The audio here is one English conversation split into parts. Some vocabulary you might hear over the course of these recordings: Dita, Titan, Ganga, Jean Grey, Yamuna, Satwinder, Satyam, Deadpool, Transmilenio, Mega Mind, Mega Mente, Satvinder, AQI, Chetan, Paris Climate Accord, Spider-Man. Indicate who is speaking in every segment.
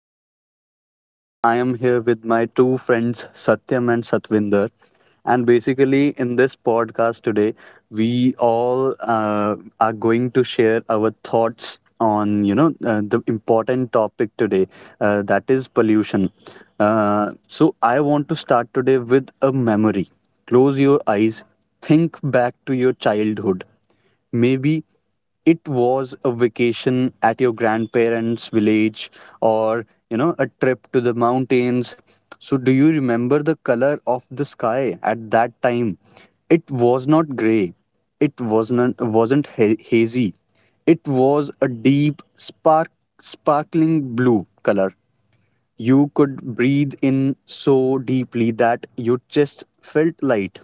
Speaker 1: is Chetan and I am here with my two friends, Satyam and Satvinder. And basically, in this podcast today, we all are going to share our thoughts on the important topic today, that is pollution. So I want to start today with a memory. Close your eyes, think back to your childhood. Maybe it was a vacation at your grandparents' village or, a trip to the mountains. So, do you remember the color of the sky at that time? It was not gray. It wasn't hazy. It was a deep, sparkling blue color. You could breathe in so deeply that your chest felt light.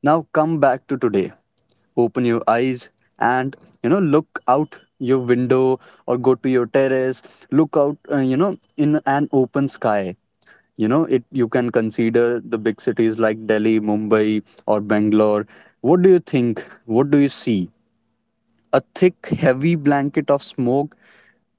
Speaker 1: Now come back to today, open your eyes, and look out your window or go to your terrace, look out, in an open sky. You know it you can consider the big cities like Delhi, Mumbai, or Bangalore. What do you think? What do you see? A thick, heavy blanket of smoke,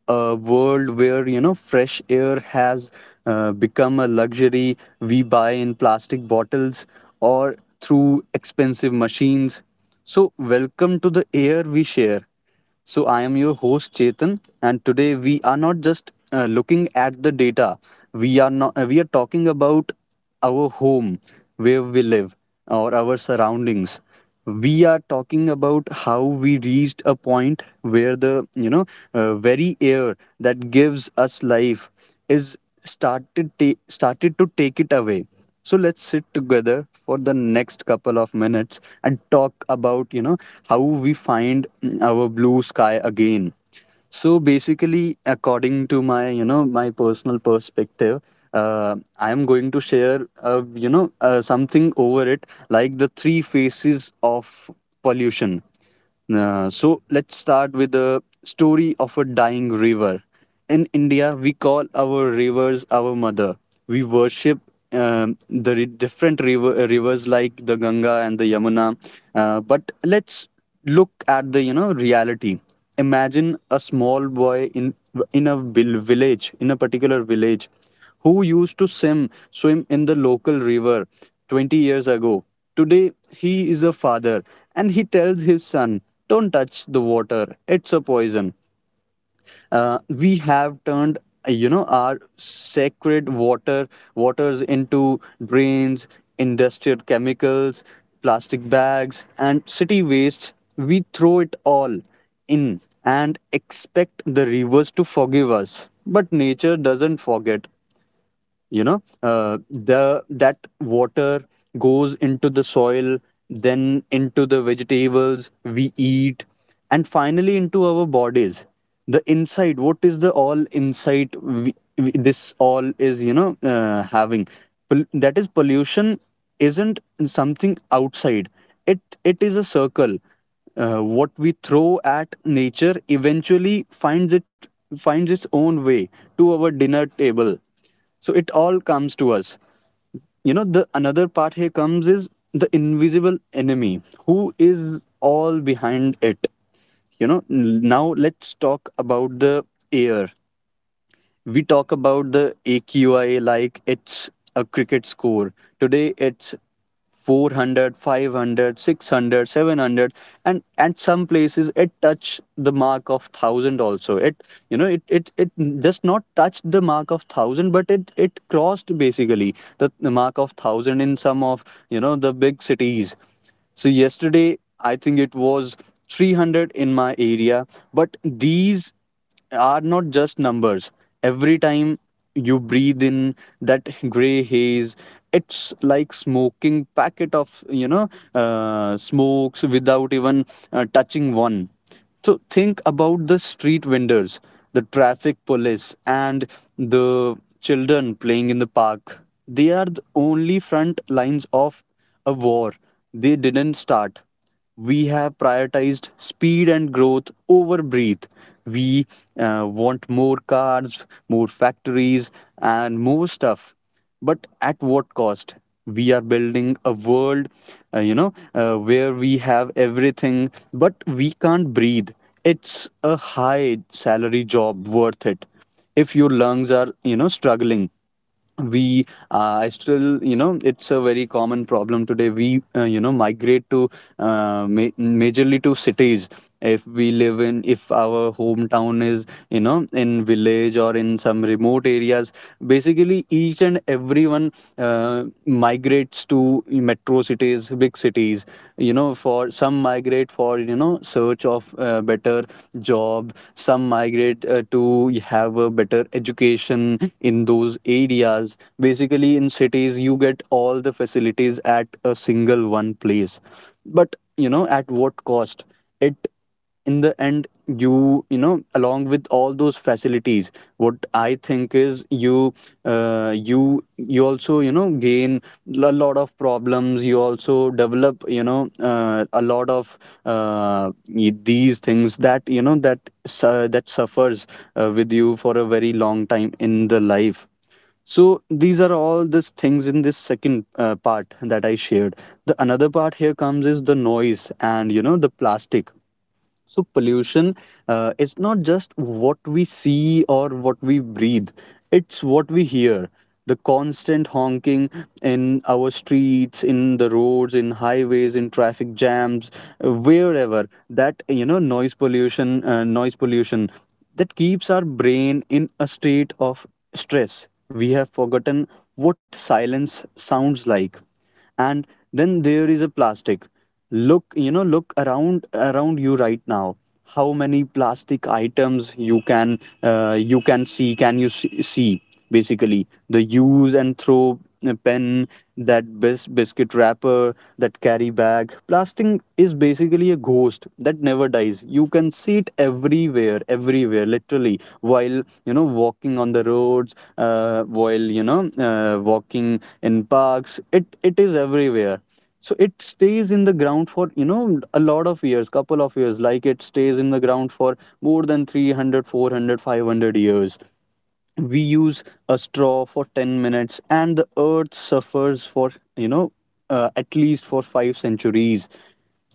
Speaker 1: a world where fresh air has, become a luxury we buy in plastic bottles or through expensive machines. So welcome to the air we share. So, I am your host Chetan, and today we are not just looking at the data. We are not. We are talking about our home, where we live, or our surroundings. We are talking about how we reached a point where the very air that gives us life is started to take it away. So let's sit together for the next couple of minutes and talk about, how we find, our blue sky again. So basically, according to my personal perspective, I am going to share, something over it, like the three phases of pollution. So let's start with the story of a dying river. In India, we call our rivers our mother. We worship, different rivers like the Ganga and the Yamuna. But let's look at the reality. Imagine a small boy in a particular village who used to swim in the local river 20 years ago. Today, he is a father and he tells his son, "Don't touch the water, it's a poison." We have turned, our sacred waters into drains. Industrial chemicals, plastic bags, and city wastes, we throw it all in and expect the rivers to forgive us, but nature doesn't forget. The that water goes into the soil, then into the vegetables we eat, and finally into our bodies. The inside, what is the all insight, this all is having, that is pollution. Isn't something outside? It is a circle. What we throw at nature eventually finds its own way to our dinner table. So it all comes to us. The another part here comes is the invisible enemy, who is all behind it. Now let's talk about the air. We talk about the AQI like it's a cricket score. Today it's 400, 500, 600, 700, and at some places it touch the mark of 1,000 also. It you know it it it just not touched the mark of 1,000, but it crossed, basically, the mark of 1,000 in some of the big cities. So yesterday, I think it was 300 in my area, but these are not just numbers. Every time you breathe in that gray haze, it's like smoking packet of, smokes, without even touching one. So think about the street vendors, the traffic police, and the children playing in the park. They are the only front lines of a war. They didn't start. We have prioritized speed and growth over breath. We want more cars, more factories, and more stuff, but at what cost? We are building a world, where we have everything, but we can't breathe. It's a high salary job worth it if your lungs are, struggling? We I still, it's a very common problem today. We migrate to, majorly, to cities. If we live in, if our hometown is in village or in some remote areas, basically each and everyone migrates to metro cities cities big cities. For some migrate for search of better job. Some migrate to have a better education in those areas. Basically in cities you get all the facilities at a single one place. But, at what cost? It In the end, along with all those facilities, what I think is, uh, you you also gain a lot of problems. You also develop, a lot of, these things that, that suffers with you for a very long time in the life. So these are all these things in this second, part that I shared. The another part here comes is the noise and, the plastic. So pollution, is not just what we see or what we breathe, it's what we hear. The constant honking in our streets, in the roads, in highways, in traffic jams, wherever. That, noise pollution, that keeps our brain in a state of stress. We have forgotten what silence sounds like. And then there is a plastic. Look, look around you right now. How many plastic items you can, see? Can you see? Basically the use and throw, pen, that, biscuit wrapper, that carry bag. Plastic is basically a ghost that never dies. You can see it everywhere, everywhere, literally. While walking on the roads, while walking in parks, it is everywhere. So it stays in the ground for, a lot of years, couple of years. Like it stays in the ground for more than 300, 400, 500 years. We use a straw for 10 minutes, and the earth suffers for, you know at least for 5 centuries.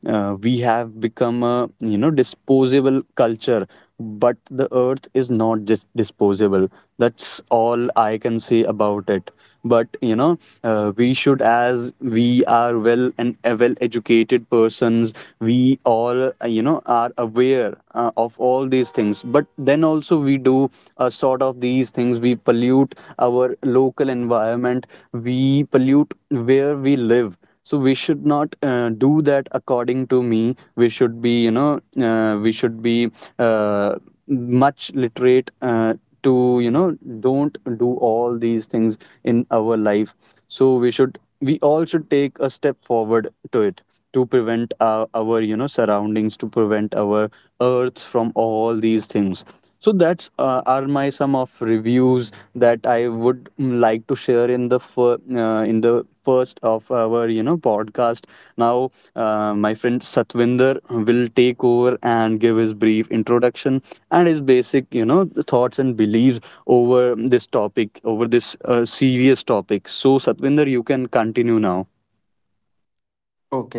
Speaker 1: We have become a disposable culture, but the earth is not disposable. That's all I can say about it. But, we should, as we are well educated persons, we all, are aware, of all these things. But then also we do a sort of these things. We pollute our local environment. We pollute where we live. So we should not, do that. According to me, we should be, uh, we should be uh, much literate, to, you know don't do all these things in our life. So we all should take a step forward to it, to prevent, our, surroundings, to prevent our earth from all these things. So that's, are my some of reviews that I would, like to share in the, uh, in the first of our, podcast. Now, my friend Satvinder will take over and give his brief introduction and his basic, thoughts and beliefs over this serious topic. So Satvinder, you can continue now.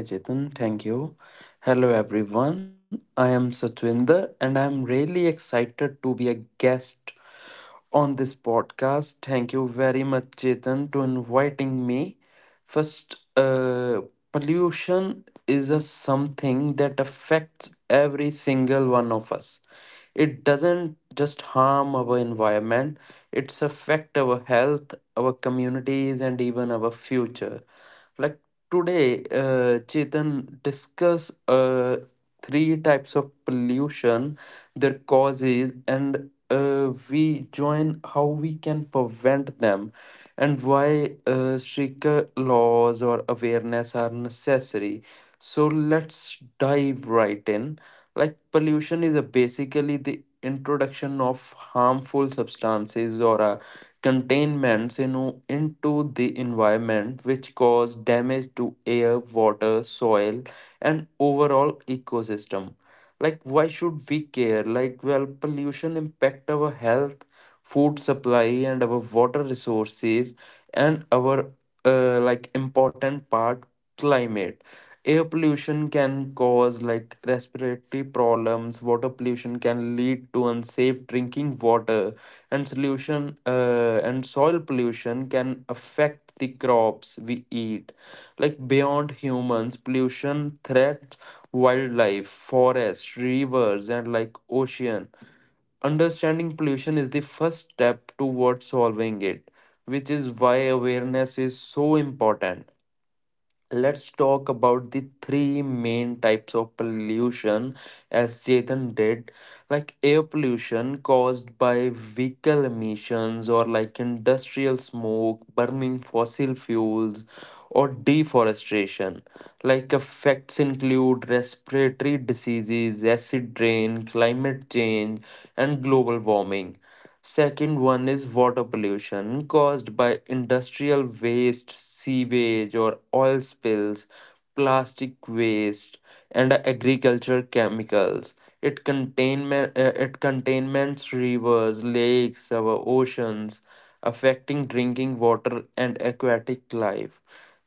Speaker 2: Okay, Chetan, thank you. Hello, everyone. I am Satwinder and I am really excited to be a guest on this podcast. Thank you very much, Chetan, to inviting me. First, pollution is a something that affects every single one of us. It doesn't just harm our environment; it's affect our health, our communities, and even our future. Like today, Chetan discuss three types of pollution, their causes, and we join how we can prevent them and why stricter laws or awareness are necessary. So let's dive right in. Like pollution is a basically the introduction of harmful substances or a containments into the environment, which cause damage to air, water, soil, and overall ecosystem. Like, why should we care? Like, well, pollution impact our health, food supply, and our water resources, and our like important part, climate. Air pollution can cause like respiratory problems. Water pollution can lead to unsafe drinking water and solution and soil pollution can affect the crops we eat. Like beyond humans, pollution threats wildlife, forests, rivers, and like ocean. Understanding pollution is the first step towards solving it, which is why awareness is so important. Let's talk about the three main types of pollution, as Chetan did. Like air pollution caused by vehicle emissions or like industrial smoke, burning fossil fuels, or deforestation. Like effects include respiratory diseases, acid rain, climate change, and global warming. Second one is water pollution, caused by industrial waste, sewage or oil spills, plastic waste, and agriculture chemicals. It containment it containments rivers, lakes, our oceans, affecting drinking water and aquatic life.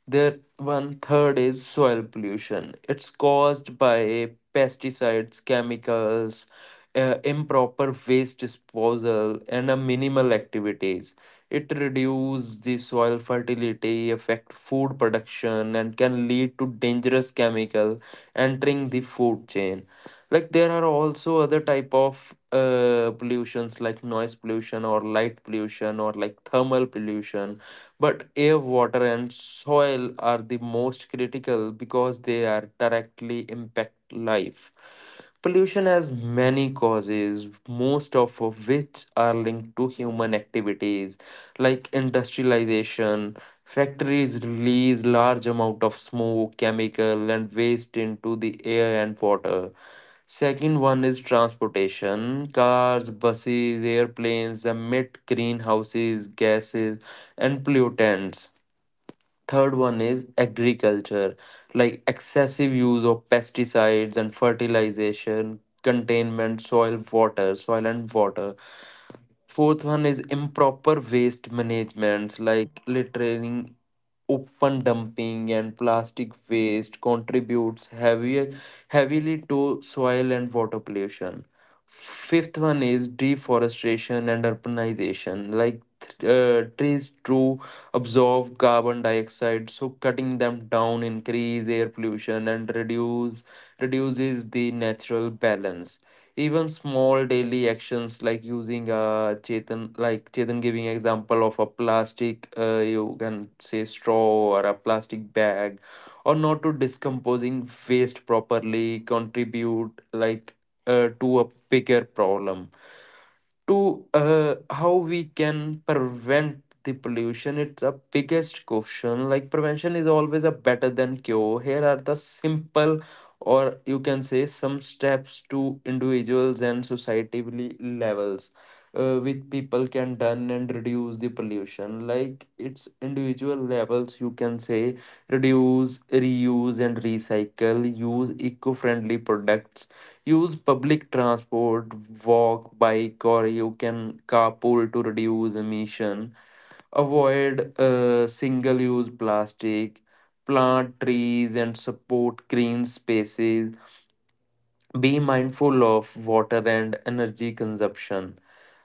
Speaker 2: The one third is soil pollution. It's caused by pesticides, chemicals, improper waste disposal, and a minimal activities. It reduces the soil fertility, affect food production, and can lead to dangerous chemical entering the food chain. Like there are also other type of pollutions like noise pollution or light pollution or like thermal pollution, but air, water, and soil are the most critical because they are directly impact life. Pollution has many causes, most of which are linked to human activities, like industrialization. Factories release large amount of smoke, chemical, and waste into the air and water. Second one is transportation. Cars, buses, airplanes emit greenhouses, gases, and pollutants. Third one is agriculture, like excessive use of pesticides and fertilization, containment, soil, water, soil and water. Fourth one is improper waste management, like littering, open dumping, and plastic waste contributes heavy, heavily to soil and water pollution. Fifth one is deforestation and urbanization, like trees to absorb carbon dioxide, so cutting them down increase air pollution and reduces the natural balance. Even small daily actions like using a chetan, like Chetan giving example of a plastic, you can say, straw or a plastic bag, or not to discomposing waste properly contribute like to a bigger problem. To how we can prevent the pollution, it's a biggest question. Like prevention is always a better than cure. Here are the simple, or you can say some steps to individuals and society levels, which people can done and reduce the pollution. Like it's individual levels, you can say, reduce, reuse, and recycle. Use eco-friendly products. Use public transport, walk, bike, or you can carpool to reduce emission. Avoid single use plastic. Plant trees and support green spaces. Be mindful of water and energy consumption.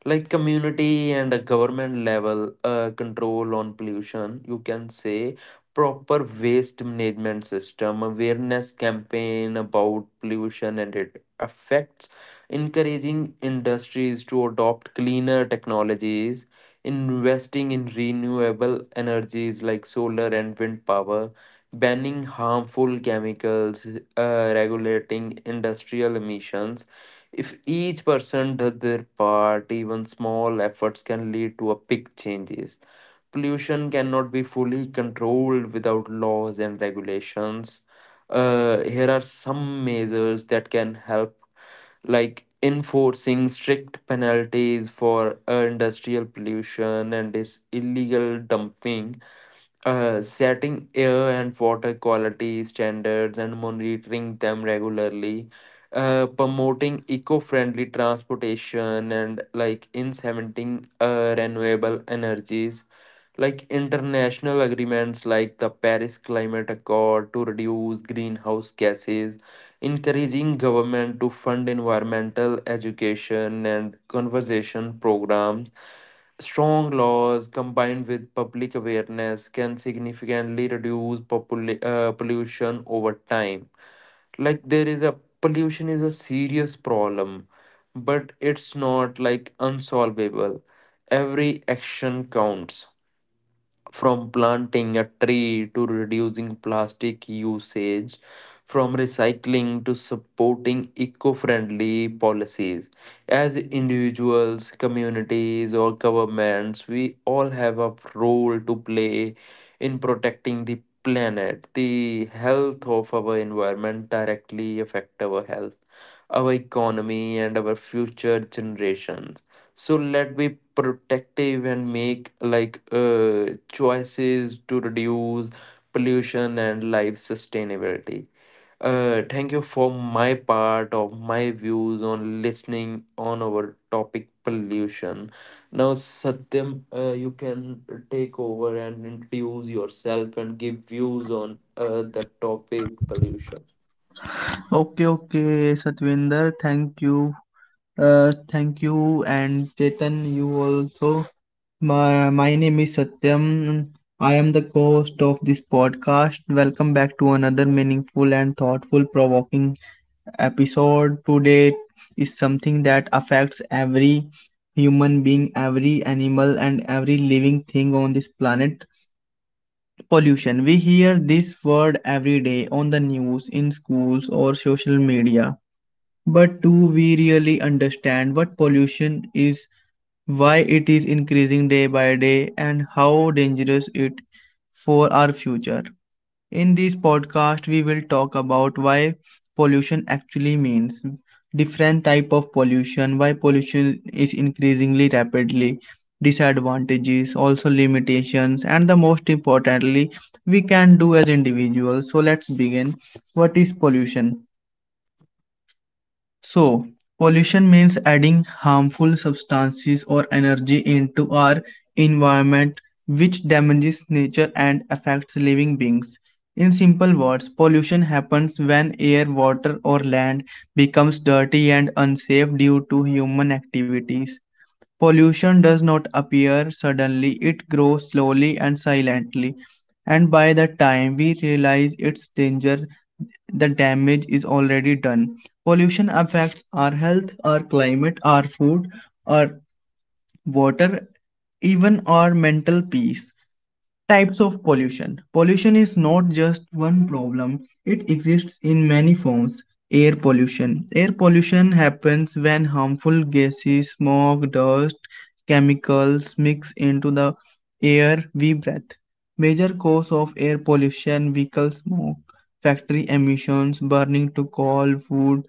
Speaker 2: Like community and a government level, control on pollution, you can say proper waste management system, awareness campaign about pollution and its effects, encouraging industries to adopt cleaner technologies, investing in renewable energies like solar and wind power, banning harmful chemicals, regulating industrial emissions. If each person does their part, even small efforts can lead to a big changes. Pollution cannot be fully controlled without laws and regulations. Here are some measures that can help, like enforcing strict penalties for industrial pollution and this illegal dumping, setting air and water quality standards and monitoring them regularly, promoting eco-friendly transportation and like incentivizing renewable energies, like international agreements like the Paris Climate Accord to reduce greenhouse gases, encouraging government to fund environmental education and conservation programs. Strong laws combined with public awareness can significantly reduce pollution over time. Like there is a pollution is a serious problem, but it's not like unsolvable. Every action counts, from planting a tree to reducing plastic usage, from recycling to supporting eco friendly policies. As individuals, communities, or governments, we all have a role to play in protecting the planet. The health of our environment directly affect our health, our economy, and our future generations. So let me protective and make like choices to reduce pollution and life sustainability. Thank you for my part of my views on listening on our topic pollution. Now Satyam, you can take over and introduce yourself and give views on the topic pollution.
Speaker 3: Okay, okay, Satvinder, thank you. Thank you, and Chetan, you also. My name is Satyam. I am the co host of this podcast. Welcome back to another meaningful and thoughtful provoking episode. Today is something that affects every human being, every animal, and every living thing on this planet pollution. We hear this word every day on the news, in schools, or social media but do we really understand what pollution is, why it is increasing day by day, and how dangerous it for our future? In this podcast, we will talk about why pollution actually means, different type of pollution, why pollution is increasingly rapidly, disadvantages, also limitations, and the most importantly, we can do as individuals. So let's begin. What is pollution? So, pollution means adding harmful substances or energy into our environment, which damages nature and affects living beings. In simple words, pollution happens when air, water, or land becomes dirty and unsafe due to human activities. Pollution does not appear suddenly, it grows slowly and silently, and by the time we realize its danger, the damage is already done. Pollution affects our health, our climate, our food, our water, even our mental peace. Types of pollution. Pollution is not just one problem, it exists in many forms. Air pollution. Air pollution happens when harmful gases, smoke, dust, chemicals mix into the air we breathe. Major cause of air pollution vehicle smoke, factory emissions, burning to coal, wood,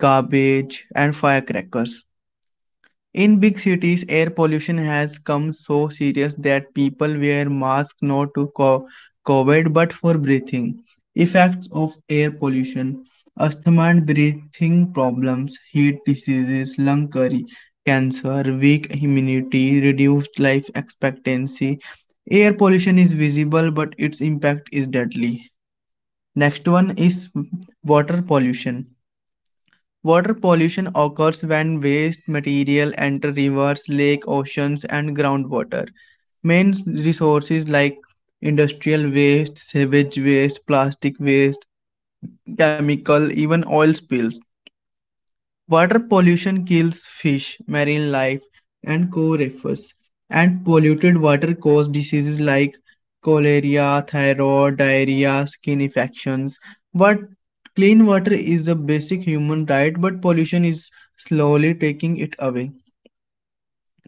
Speaker 3: garbage, and firecrackers. In big cities, air pollution has come so serious that people wear masks not to COVID but for breathing. Effects of air pollution asthma and breathing problems, heat diseases, lung curry, cancer, weak immunity, reduced life expectancy. Air pollution is visible but its impact is deadly. Next one is water pollution. Water pollution occurs when waste material enter rivers, lakes, oceans, and groundwater. Main resources like industrial waste, sewage waste, plastic waste, chemical, even oil spills. Water pollution kills fish, marine life, and core reefs, and polluted water causes diseases like cholera, thyroid, diarrhea, skin infections. What clean water is a basic human right, but pollution is slowly taking it away.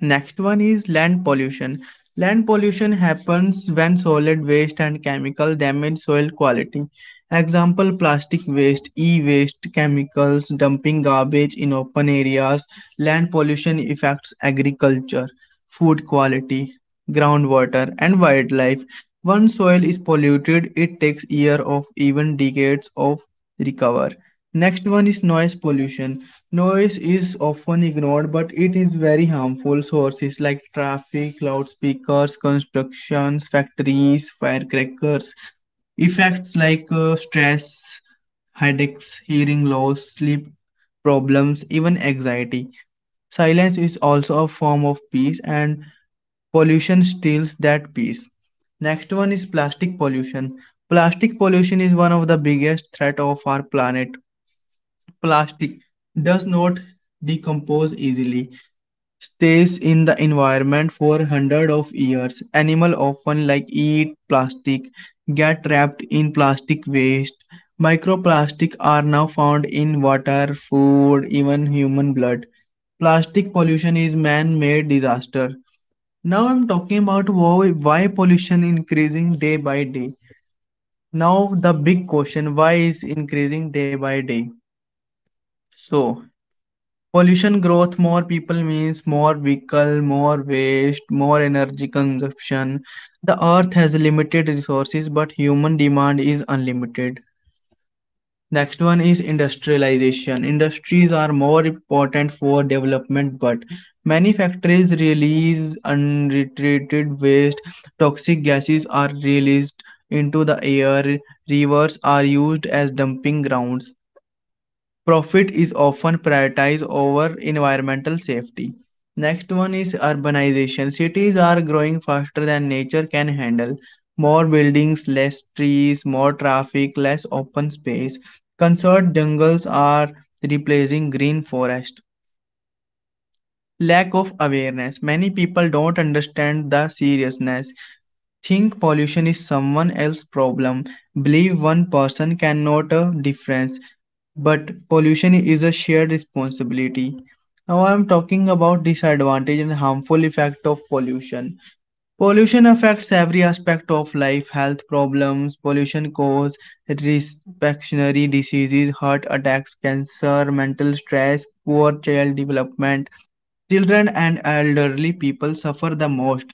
Speaker 3: Next one is land pollution. Land pollution happens when solid waste and chemical damage soil quality. Example plastic waste, e waste, chemicals, dumping garbage in open areas. Land pollution affects agriculture, food quality, groundwater, and wildlife. Once soil is polluted, it takes years of even decades of recover. Next one is noise pollution. Noise is often ignored, but it is very harmful. Sources like traffic, loudspeakers, constructions, factories, firecrackers. Effects like stress, headaches, hearing loss, sleep problems, even anxiety. Silence is also a form of peace, and pollution steals that peace. Next one is plastic pollution. Plastic pollution is one of the biggest threat of our planet. Plastic does not decompose easily, stays in the environment for hundreds of years. Animals often like eat plastic, get trapped in plastic waste. Microplastic are now found in water, food, even human blood. Plastic pollution is man-made disaster. Now I'm talking about why pollution increasing day by day. Now the big question why is increasing day by day. So pollution growth, more people means more vehicle, more waste, more energy consumption. The earth has limited resources, but human demand is unlimited. Next one is industrialization. Industries are more important for development, but many factories release untreated waste. Toxic gases are released into the air. Rivers are used as dumping grounds. Profit is often prioritized over environmental safety. Next one is urbanization. Cities are growing faster than nature can handle. More buildings, less trees, more traffic, less open space. Conserved jungles are replacing green forest. Lack of awareness. Many people don't understand the seriousness. Think pollution is someone else's problem. Believe one person can note a difference but pollution is a shared responsibility. Now I am talking about disadvantage and harmful effect of pollution. Pollution affects every aspect of life, health problems, pollution cause respiratory diseases, heart attacks, cancer, mental stress, poor child development. Children and elderly people suffer the most.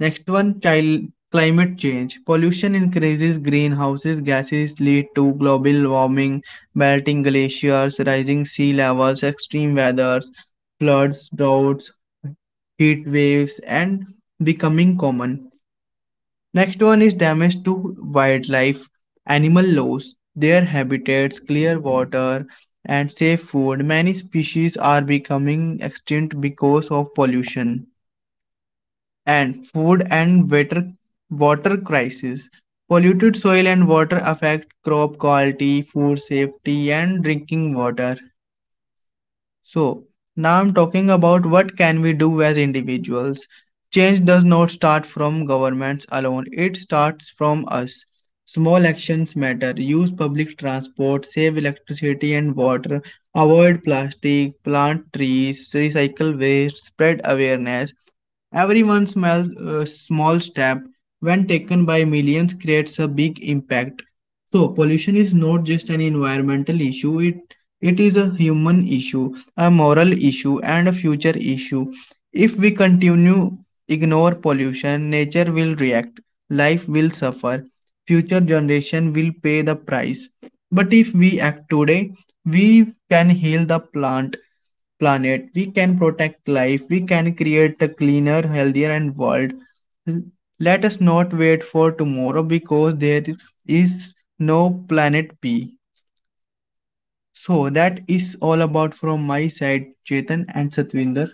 Speaker 3: Next one, child climate change. Pollution increases greenhouses gases lead to global warming, melting glaciers, rising sea levels, extreme weathers, floods, droughts, heat waves, and becoming common. Next one is damage to wildlife, animal loss, their habitats, clear water, and safe food. Many species are becoming extinct because of pollution and food and water crisis. Polluted soil and water affect crop quality, food safety, and drinking water. So now I'm talking about what can we do as individuals. Change does not start from governments alone. It starts from us. Small actions matter. Use public transport, save electricity and water, avoid plastic, plant trees, recycle waste, spread awareness. Everyone's small step, when taken by millions, creates a big impact. So pollution is not just an environmental issue; it is a human issue, a moral issue and a future issue. If we continue ignore pollution, nature will react, life will suffer, future generation will pay the price. But if we act today, we can heal the plant planet, we can protect life, we can create a cleaner, healthier and world. Let us not wait for tomorrow because there is no planet B. So that is all about from my side, Chetan and Satvinder.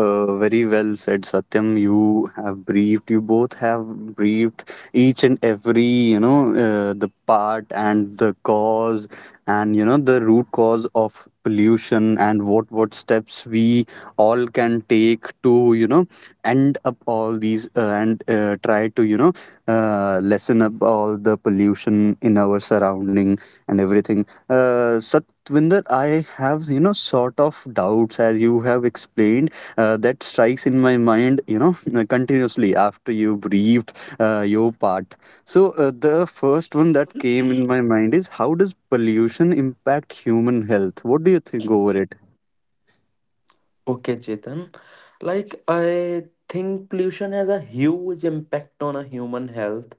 Speaker 1: Very well said, Satyam. You both have briefed each and every, the part and the cause and, the root cause of pollution and what steps we all can take to, end up all these, and try to, lessen up all the pollution in our surrounding and everything. Satvinder, I have, sort of doubts, as you have explained, that strikes in my mind, continuously after you breathed, your part. So, the first one that came in my mind is, how does pollution impact human health? What do you think over it?
Speaker 2: Okay, Chetan. Like I think pollution has a huge impact on a human health,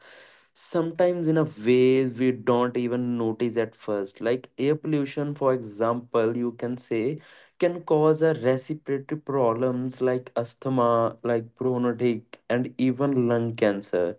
Speaker 2: sometimes in a ways we don't even notice at first. Like air pollution, for example, you can say, can cause a respiratory problems like asthma, like bronchitic, and even lung cancer.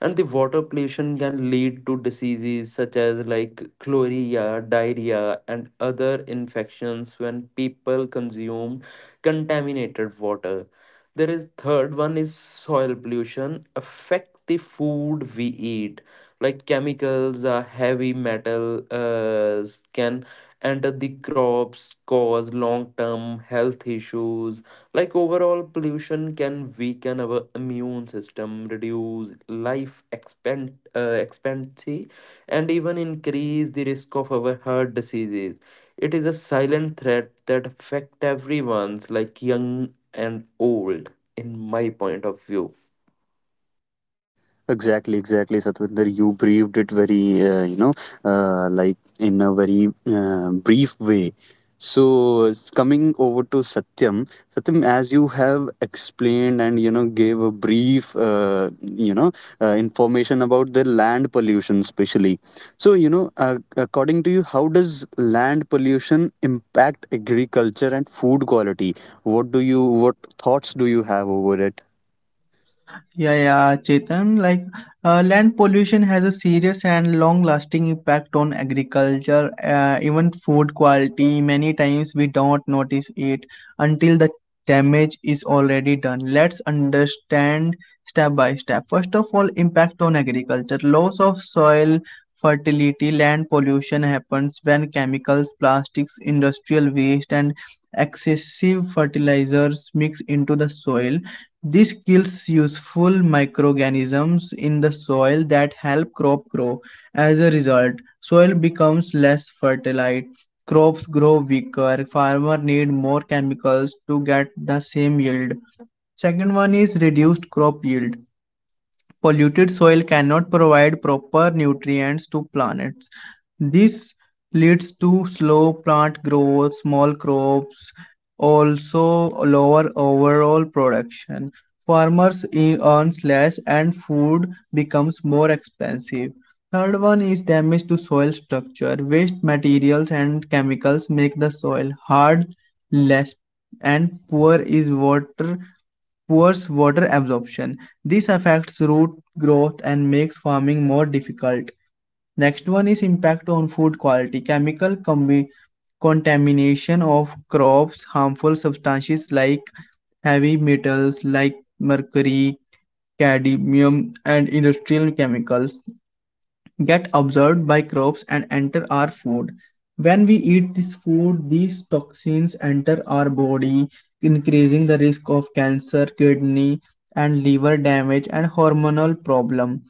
Speaker 2: And the water pollution can lead to diseases such as like chlorella, diarrhea, and other infections when people consume contaminated water. There is third one is soil pollution affect the food we eat. Like chemicals, heavy metal can enter the crops, cause long term health issues. Like overall pollution can weaken our immune system, reduce life expectancy, and even increase the risk of our heart diseases. It is a silent threat that affect everyone's, like young and old, in my point of view.
Speaker 1: Exactly, exactly, Satwinder. You briefed it very, like in a very, brief way. So, coming over to Satyam, as you have explained and, gave a brief, information about the land pollution, especially. So, according to you, how does land pollution impact agriculture and food quality? What thoughts do you have over it?
Speaker 3: Yeah, yeah, Chetan. Land pollution has a serious and long-lasting impact on agriculture, even food quality. Many times we don't notice it until the damage is already done. Let's understand step by step. First of all, impact on agriculture. Loss of soil fertility, land pollution happens when chemicals, plastics, industrial waste, and excessive fertilizers mix into the soil. This kills useful microorganisms in the soil that help crop grow. As a result, soil becomes less fertile, crops grow weaker, farmers need more chemicals to get the same yield. Second one is reduced crop yield. Polluted soil cannot provide proper nutrients to plants. This leads to slow plant growth, small crops, also lower overall production. Farmers earn less and food becomes more expensive. Third one is damage to soil structure. Waste materials and chemicals make the soil hard, less and poor is water poor water absorption. This affects root growth and makes farming more difficult. Next one is impact on food quality. Contamination of crops, harmful substances like heavy metals like mercury, cadmium, and industrial chemicals get absorbed by crops and enter our food. When we eat this food, these toxins enter our body, increasing the risk of cancer, kidney and liver damage and hormonal problem.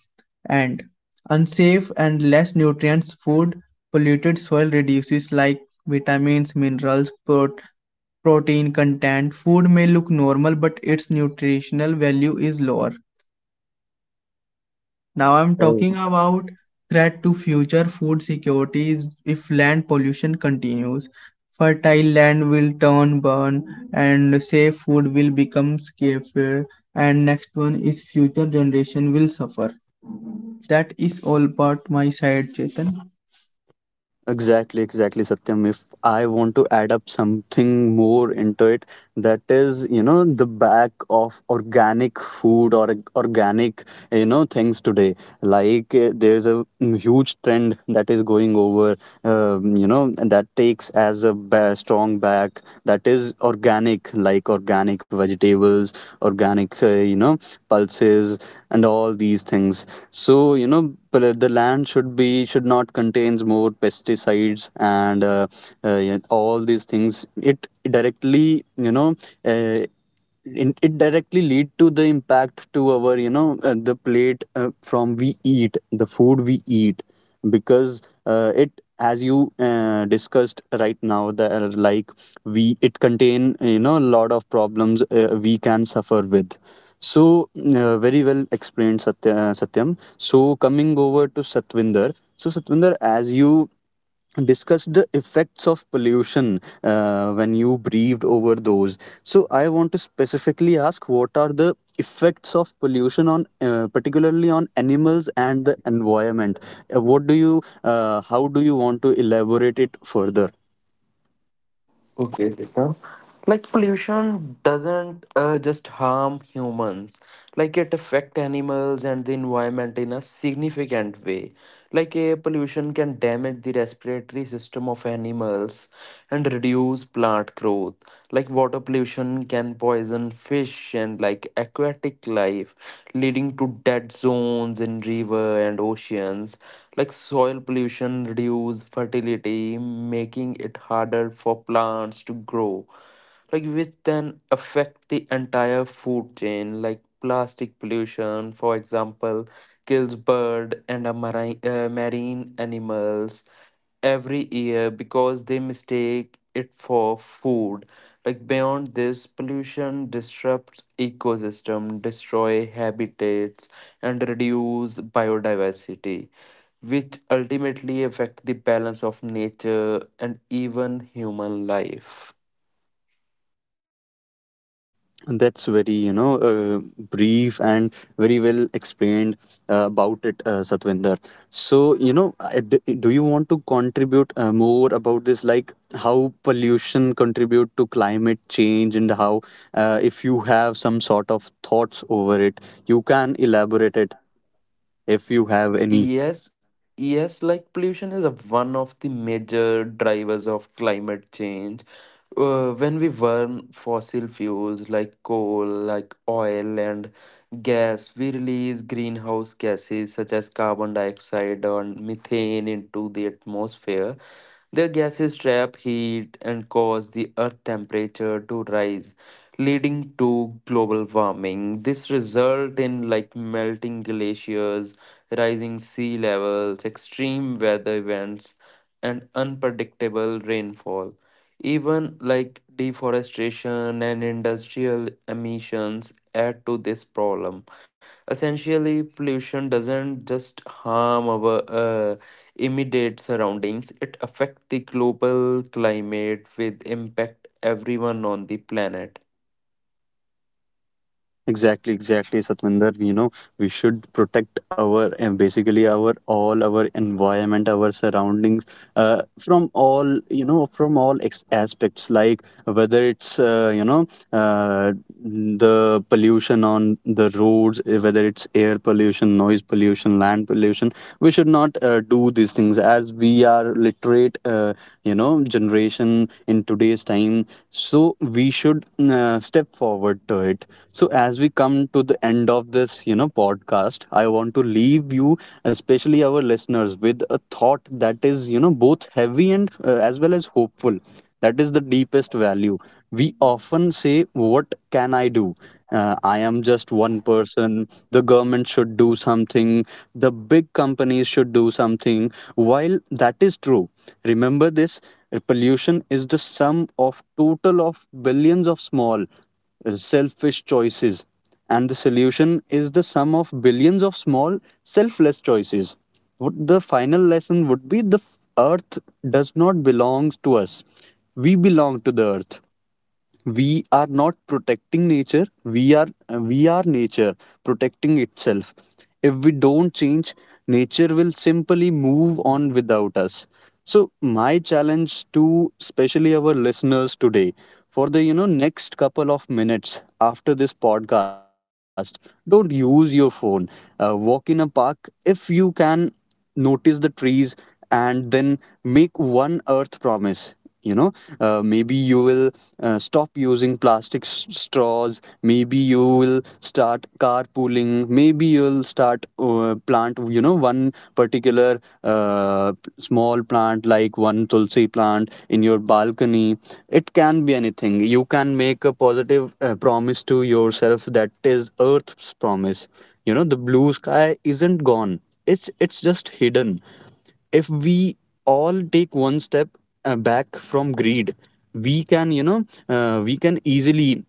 Speaker 3: And unsafe and less nutrients food, polluted soil reduces like vitamins, minerals, protein content. Food may look normal, but its nutritional value is lower. Now I'm talking about threat to future food security is if land pollution continues. Fertile land will turn burn and safe food will become scarcer and next one is future generation will suffer. That is all about my side, Chetan.
Speaker 1: Exactly, exactly, Satyam. If I want to add up something more into it, that is, the back of organic food or organic, things today. Like there's a huge trend that is going over, that takes as a strong back that is organic, like organic vegetables, organic, pulses, and all these things. So, you know, the land should be should not contains more pesticides and yeah, all these things it directly you know uh, it directly lead to the impact to our you know the plate from we eat the food we eat because it as you discussed right now that like we it contain you know a lot of problems we can suffer with so very well explained satyam so coming over to satvinder so satvinder as you discuss the effects of pollution when you breathed over those. So I want to specifically ask what are the effects of pollution on particularly on animals and the environment. What do you how do you want to elaborate it further?
Speaker 2: Okay, Dita. Like pollution doesn't just harm humans. Like it affect animals and the environment in a significant way. Like air pollution can damage the respiratory system of animals and reduce plant growth. Like water pollution can poison fish and like aquatic life, leading to dead zones in river and oceans. Like soil pollution reduce fertility, making it harder for plants to grow. Like which then affect the entire food chain. Like plastic pollution, for example, kills bird and a marine, marine animals every year because they mistake it for food. Like beyond this, pollution disrupts ecosystem, destroy habitats, and reduce biodiversity, which ultimately affect the balance of nature and even human life.
Speaker 1: That's very, you know, brief and very well explained about it, Satvinder. So, you know, do you want to contribute more about this, like how pollution contribute to climate change and how, if you have some sort of thoughts over it, you can elaborate it if you have any.
Speaker 2: Yes, yes, like pollution is a, one of the major drivers of climate change. When we burn fossil fuels like coal, like oil and gas, we release greenhouse gases such as carbon dioxide and methane into the atmosphere. Their gases trap heat and cause the Earth temperature to rise, leading to global warming. This result in like melting glaciers, rising sea levels, extreme weather events, and unpredictable rainfall. Even like deforestation and industrial emissions add to this problem. Essentially, pollution doesn't just harm our immediate surroundings, it affects the global climate with impact everyone on the planet.
Speaker 1: Exactly, exactly, Satvinder. You know, we should protect our and basically our all our environment, our surroundings, from all you know, from all aspects, like whether it's uh, the pollution on the roads, whether it's air pollution, noise pollution, land pollution. We should not do these things as we are literate, you know, generation in today's time so we should step forward to it. So as we come to the end of this, you know, podcast, I want to leave you, especially our listeners, with a thought that is, you know, both heavy and as well as hopeful. That is the deepest value. We often say, what can I do? I am just one person. The government should do something. The big companies should do something. While that is true, remember this: pollution is the sum of total of billions of small, selfish choices, and the solution is the sum of billions of small, selfless choices. What the final lesson would be: the Earth does not belong to us; we belong to the Earth. We are not protecting nature, we are, we are nature protecting itself. If we don't change, nature will simply move on without us. So my challenge to especially our listeners today: for the, you know, next couple of minutes after this podcast, don't use your phone. Walk in a park if you can. Notice the trees, and then make one earth promise. you know Maybe you will stop using plastic straws, maybe you will start carpooling, maybe you'll start plant, you know, one particular small plant, like one tulsi plant in your balcony. It can be anything. You can make a positive promise to yourself, that is earth's promise. You know, the blue sky isn't gone, it's just hidden. If we all take one step back from greed, we can, you know, we can easily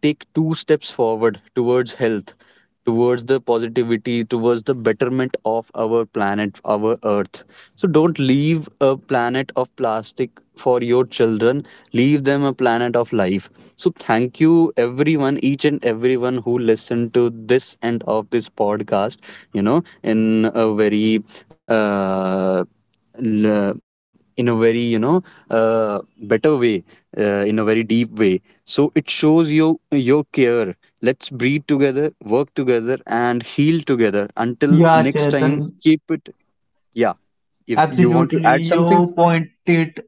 Speaker 1: take two steps forward towards health, towards the positivity, towards the betterment of our planet, our earth. So don't leave a planet of plastic for your children, leave them a planet of life. So thank you everyone, each and everyone who listened to this end of this podcast, you know, in a very uh, in a very, you know, better way, in a very deep way, so it shows you your care. Let's breathe together, work together, and heal together. Until
Speaker 3: Yeah,
Speaker 1: next time,
Speaker 3: Chetan,
Speaker 1: keep it. Yeah. If you want to
Speaker 3: absolutely.
Speaker 1: add something,
Speaker 3: You point it,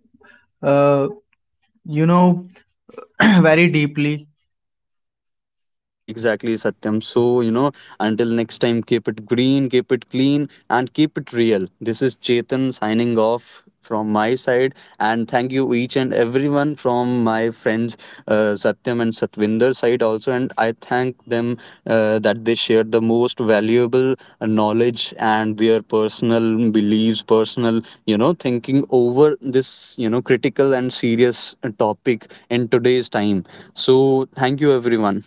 Speaker 3: uh, you know, very deeply.
Speaker 1: exactly, exactly, Satyam. So, you know, until next time, keep it green, keep it clean, and keep it real. This is Chetan signing off from my side. And thank you, each and everyone from my friends Satyam and Satvinder side also. And I thank them that they shared the most valuable knowledge and their personal beliefs, personal, you know, thinking over this, you know, critical and serious topic in today's time. So, thank you, everyone.